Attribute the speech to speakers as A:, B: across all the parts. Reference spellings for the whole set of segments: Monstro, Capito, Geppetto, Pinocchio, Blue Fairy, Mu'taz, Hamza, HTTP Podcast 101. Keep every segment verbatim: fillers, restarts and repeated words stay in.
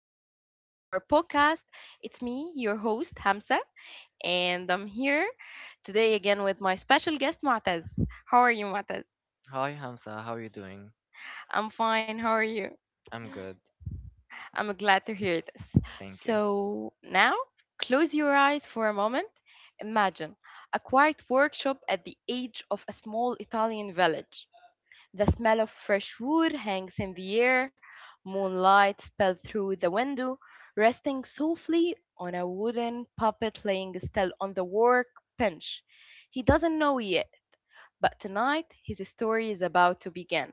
A: episode of our podcast. It's me, your host, Hamza, and I'm here today again with my special guest, Mu'taz. How are you, Mu'taz? I'm fine. How are you? I'm glad to hear this. So, now close your eyes for a moment. Imagine a quiet workshop at the edge of a small Italian village. The smell of fresh wood hangs in the air, moonlight spills through the window, resting softly on a wooden puppet lying still on the work bench. He doesn't know yet, but tonight his story is about to begin.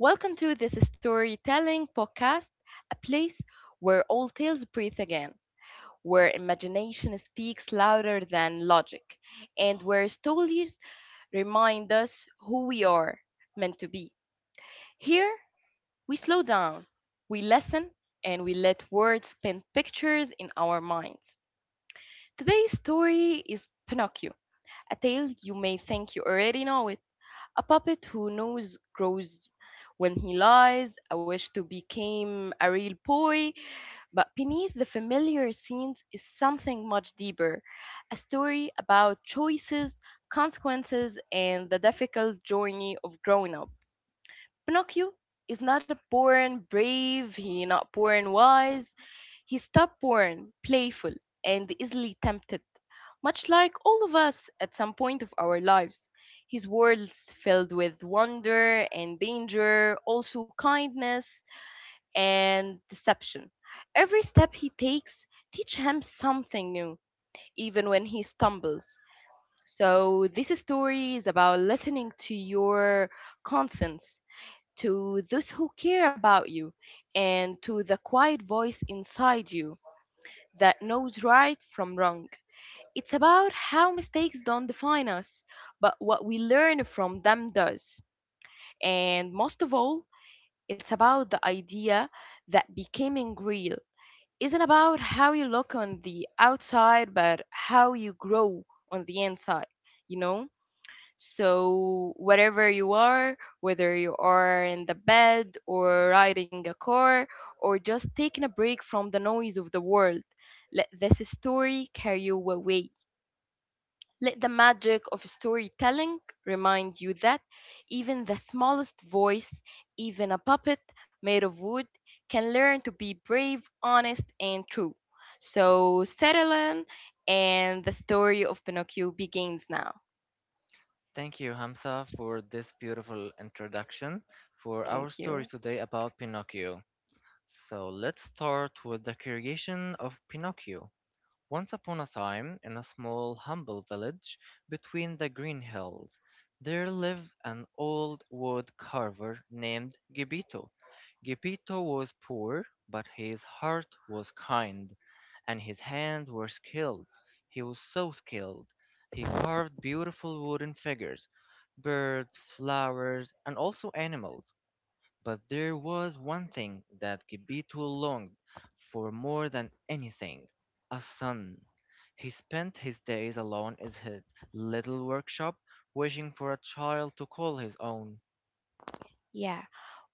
A: Welcome to this storytelling podcast, a place where all tales breathe again, where imagination speaks louder than logic, and where stories remind us who we are meant to be. Here, we slow down, we listen, and we let words paint pictures in our minds. Today's story is Pinocchio, a tale you may think you already know it. A puppet who knows grows when he lies, a wish to become a real boy, but beneath the familiar scenes is something much deeper, a story about choices, consequences, and the difficult journey of growing up. Pinocchio is not a born brave, he not born wise. He's top born playful, and easily tempted, much like all of us at some point of our lives. His world's filled with wonder and danger, also kindness and deception. Every step he takes teach him something new, even when he stumbles. So this story is about listening to your conscience, to those who care about you, and to the quiet voice inside you that knows right from wrong. It's about how mistakes don't define us, but what we learn from them does. And most of all, it's about the idea that becoming real isn't about how you look on the outside, but how you grow on the inside, you know? So, whatever you are, whether you are in the bed or riding a car or just taking a break from the noise of the world, let this story carry you away. Let the magic of storytelling remind you that even the smallest voice, even a puppet made of wood, can learn to be brave, honest, and true. So, settle in, and the story of Pinocchio begins now.
B: Thank you, Hamza, for this beautiful introduction for our
A: Thank
B: story
A: you.
B: today about Pinocchio. So let's start with the creation of Pinocchio. Once upon a time, in a small, humble village between the green hills, there lived an old wood carver named Gepito. Gepito was poor, but his heart was kind, and his hands were skilled. He was so skilled. He carved beautiful wooden figures, birds, flowers, and also animals. But there was one thing that Gibito longed for more than anything: a son. He spent his days alone in his little workshop, wishing for a child to call his own.
A: Yeah.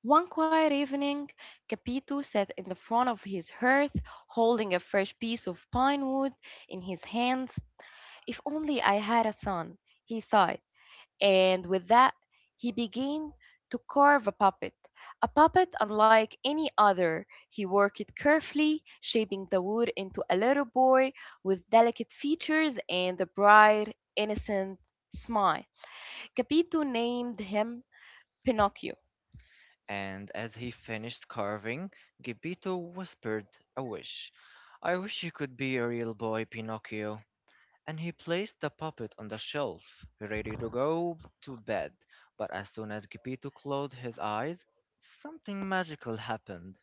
A: One quiet evening, Capito sat in the front of his hearth, holding a fresh piece of pine wood in his hands. "If only I had a son," he sighed, and with that, he began to carve a puppet. A puppet unlike any other. He worked carefully, shaping the wood into a little boy with delicate features and a bright, innocent smile. Capito named him Pinocchio.
B: And as he finished carving, Gibito whispered a wish. I wish you could be a real boy, Pinocchio. And he placed the puppet on the shelf, ready to go to bed. But as soon as Gepito closed his eyes, something magical happened.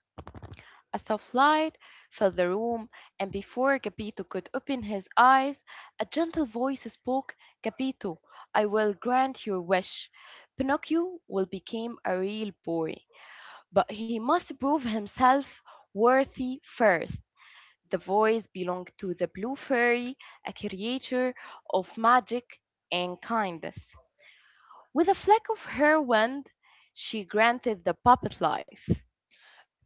A: A soft light filled the room, and before Capito could open his eyes, a gentle voice spoke. "Capito, I will grant your wish. Pinocchio will become a real boy, but he must prove himself worthy first." The voice belonged to the Blue Fairy, a creature of magic and kindness. With a flick of her wand, she granted the puppet life.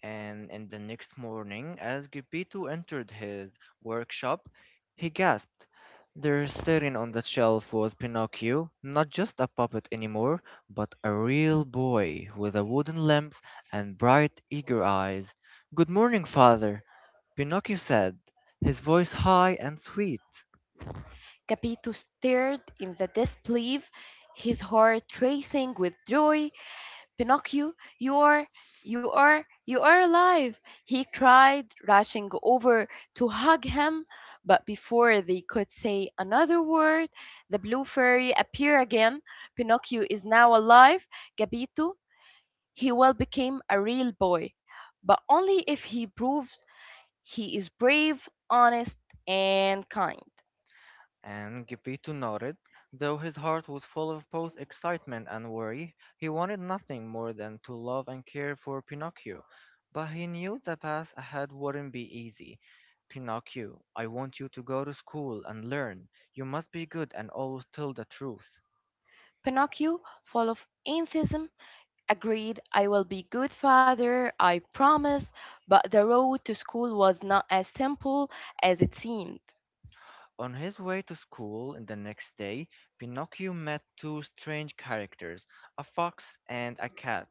B: And in the next morning, as Gepetto entered his workshop, he gasped. There, sitting on the shelf, was Pinocchio, not just a puppet anymore, but a real boy with a wooden limbs and bright, eager eyes. Good morning, father, Pinocchio said, his voice high and sweet.
A: Capito stared in the disbelief, his heart racing with joy. "Pinocchio, you are, you are, you are alive!" he cried, rushing over to hug him. But before they could say another word, the Blue Fairy appeared again. "Pinocchio is now alive. Gabito, he will become a real boy, but only if he proves he is brave, honest, and kind."
B: And Gepetto nodded. Though his heart was full of both excitement and worry, he wanted nothing more than to love and care for Pinocchio. But he knew the path ahead wouldn't be easy. Pinocchio, I want you to go to school and learn. You must be good and always tell the truth.
A: Pinocchio, full of enthusiasm, agreed, "I will be good father, I promise," but the road to school was not as simple as it seemed.
B: On his way to school the next day, Pinocchio met two strange characters, a fox and a cat,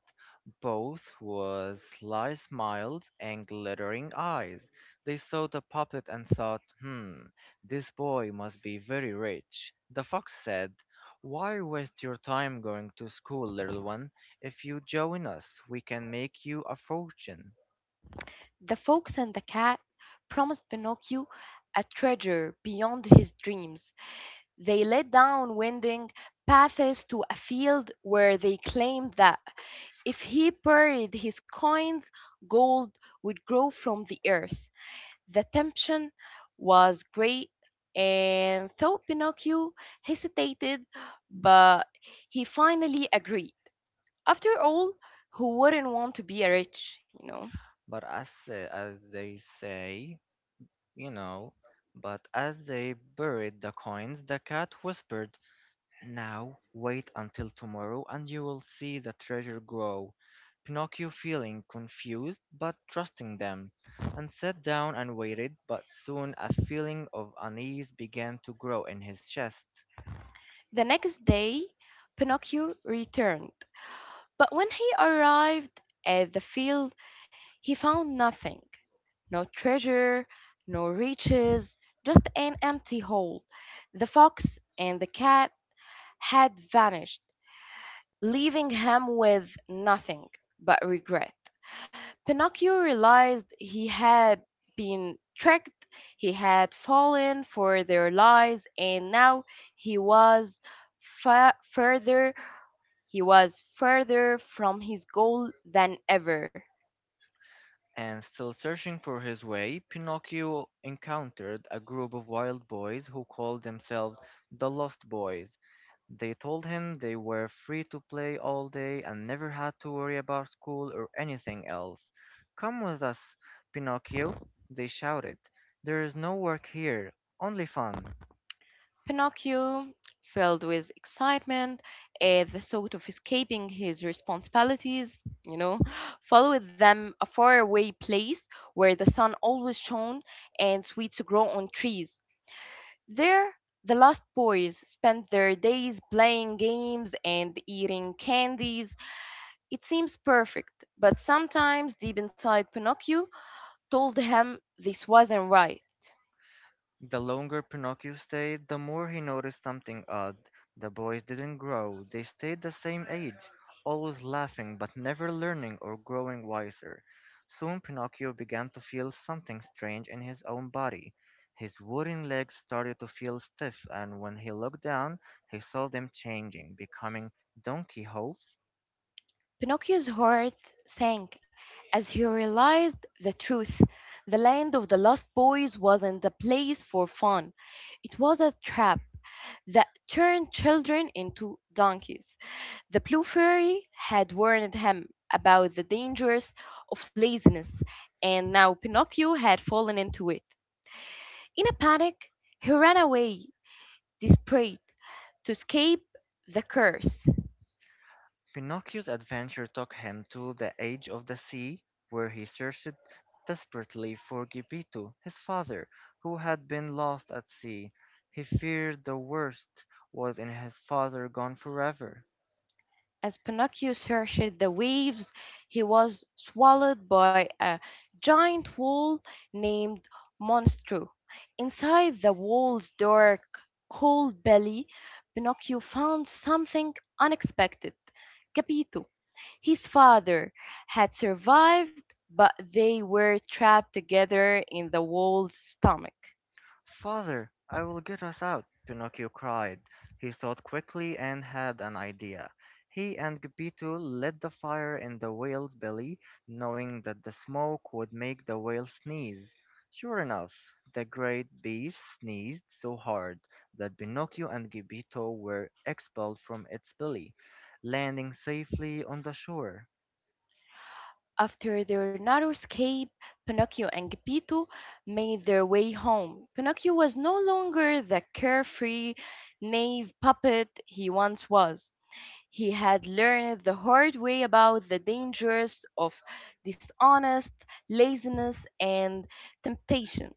B: both with sly smiles and glittering eyes. They saw the puppet and thought, "Hmm, this boy must be very rich." The fox said, "Why waste your time going to school, little one? If you join us, we can make you a fortune."
A: The fox and the cat promised Pinocchio a treasure beyond his dreams. They led down winding paths to a field where they claimed that if he buried his coins, gold would grow from the earth. The temptation was great, and though Pinocchio hesitated, but he finally agreed. After all, who wouldn't want to be a rich, you know?
B: But as, as they say, you know. But as they buried the coins, the cat whispered, Now wait until tomorrow and you will see the treasure grow. Pinocchio, feeling confused but trusting them, and sat down and waited, but soon a feeling of unease began to grow in his chest.
A: The next day, Pinocchio returned, but when he arrived at the field, he found nothing, no treasure, no riches, just an empty hole. The fox and the cat had vanished, leaving him with nothing but regret. Pinocchio realized he had been tricked, he had fallen for their lies, and now he was fa- further he was further from his goal than ever.
B: And still searching for his way, Pinocchio encountered a group of wild boys who called themselves the Lost Boys. They told him they were free to play all day and never had to worry about school or anything else. "Come with us, Pinocchio," they shouted. "There is no work here, only fun."
A: Pinocchio, filled with excitement at the thought of escaping his responsibilities, you know, followed them a faraway place where the sun always shone and sweets grow on trees. There, the lost boys spent their days playing games and eating candies. It seems perfect, but sometimes deep inside Pinocchio told him this wasn't right.
B: The longer Pinocchio stayed, the more he noticed something odd. The boys didn't grow, they stayed the same age, always laughing but never learning or growing wiser. Soon Pinocchio began to feel something strange in his own body. His wooden legs started to feel stiff, and when he looked down, he saw them changing, becoming donkey hooves.
A: Pinocchio's heart sank as he realized the truth. The land of the lost boys wasn't a place for fun. It was a trap that turned children into donkeys. The Blue Fairy had warned him about the dangers of laziness, and now Pinocchio had fallen into it. In a panic, he ran away, desperate, to escape the curse.
B: Pinocchio's adventure took him to the Age of the Sea, where he searched desperately for Gepetto, his father, who had been lost at sea. He feared the worst was in his father gone forever.
A: As Pinocchio searched the waves, he was swallowed by a giant wall named Monstro. Inside the wall's dark, cold belly, Pinocchio found something unexpected. Capito, his father, had survived, but they were trapped together in the wall's stomach.
B: "Father, I will get us out!" Pinocchio cried. He thought quickly and had an idea. He and Geppetto lit the fire in the whale's belly, knowing that the smoke would make the whale sneeze. Sure enough, the great beast sneezed so hard that Pinocchio and Geppetto were expelled from its belly, landing safely on the shore.
A: After their narrow escape, Pinocchio and Geppetto made their way home. Pinocchio was no longer the carefree knave puppet he once was. He had learned the hard way about the dangers of dishonest laziness and temptation.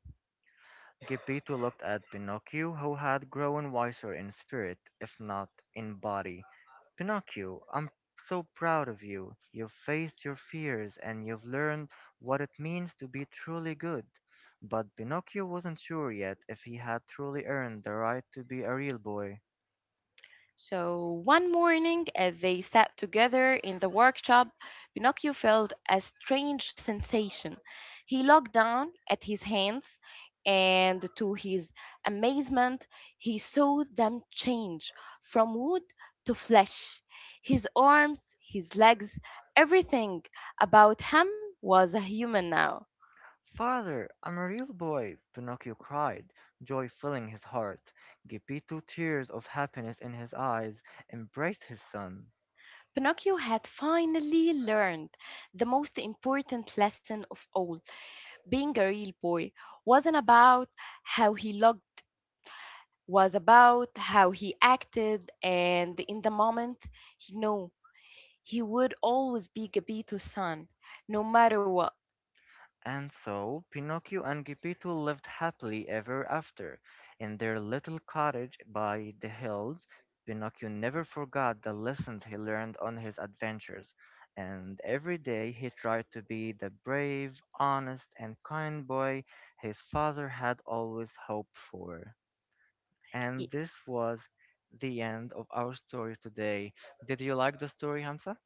B: Geppetto looked at Pinocchio, who had grown wiser in spirit, if not in body. "Pinocchio, I'm so proud of you. You've faced your fears and you've learned what it means to be truly good." But Pinocchio wasn't sure yet if he had truly earned the right to be a real boy.
A: So one morning, as they sat together in the workshop, Pinocchio felt a strange sensation. He looked down at his hands, and to his amazement, he saw them change from wood to flesh. His arms, his legs, everything about him was a human now.
B: "Father, I'm a real boy!" Pinocchio cried, joy filling his heart. Geppetto, tears of happiness in his eyes, embraced his son.
A: Pinocchio had finally learned the most important lesson of all. Being a real boy wasn't about how he looked, was about how he acted, and in the moment he knew he would always be Gabito's son, no matter what.
B: And so Pinocchio and Geppetto lived happily ever after in their little cottage by the hills. Pinocchio never forgot the lessons he learned on his adventures, and every day he tried to be the brave, honest, and kind boy his father had always hoped for. And
A: I
B: this was the end of our story today. Did you like the story, Hamza?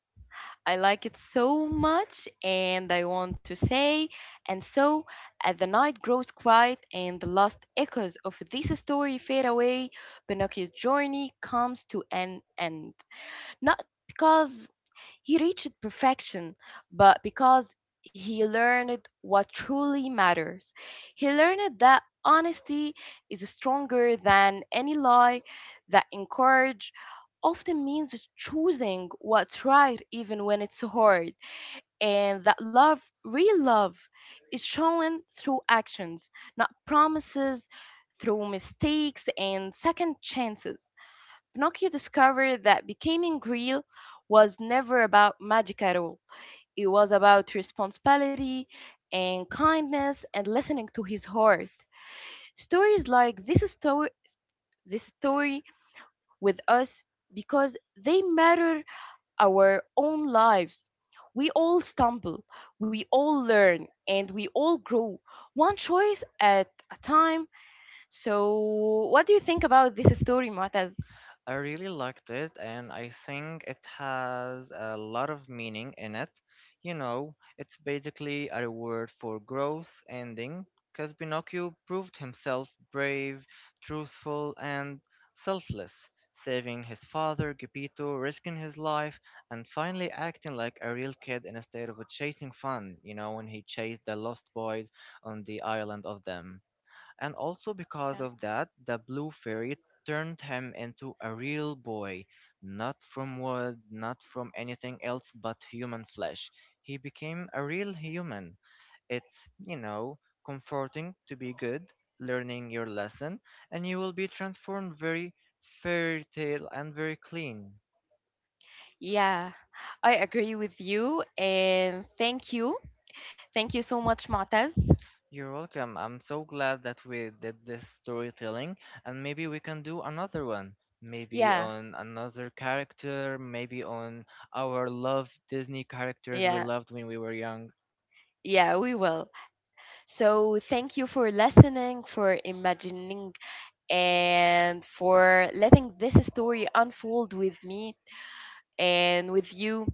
A: I like it so much and I want to say, and so as the night grows quiet and the last echoes of this story fade away, Pinocchio's journey comes to an end, not because he reached perfection, but because he learned what truly matters. He learned that honesty is stronger than any lie, that courage often means choosing what's right even when it's hard, and that love, real love, is shown through actions, not promises, through mistakes and second chances. Pinocchio discovered that becoming real was never about magic at all. It was about responsibility and kindness and listening to his heart. Stories like this story, this story with us because they matter our own lives. We all stumble, we all learn, and we all grow one choice at a time. So, what do you think about this story, Mu'taz?
B: I really liked it, and I think it has a lot of meaning in it. You know, it's basically a reward for growth ending, because Pinocchio proved himself brave, truthful, and selfless, saving his father, Geppetto, risking his life, and finally acting like a real kid instead of a chasing fun, you know, when he chased the lost boys on the island of them and also because
A: Yeah.
B: of that, the blue fairy turned him into a real boy, not from wood, not from anything else but human flesh. He became a real human. It's, you know, comforting to be good, learning your lesson, and you will be transformed very fairy tale and very clean.
A: Yeah, I agree with you and thank you. Thank you so much, Matas.
B: You're welcome. I'm so glad that we did this storytelling, and maybe we can do another one. Maybe
A: Yeah,
B: on another character, maybe on our love Disney characters we
A: yeah,
B: loved when we were young.
A: yeah, we will. So thank you for listening, for imagining, and for letting this story unfold with me and with you.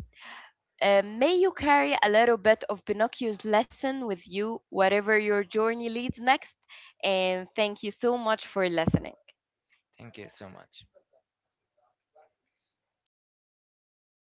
A: Uh, may you carry a little bit of Pinocchio's lesson with you, whatever your journey leads next. And thank you so much for listening.
B: Thank you so much.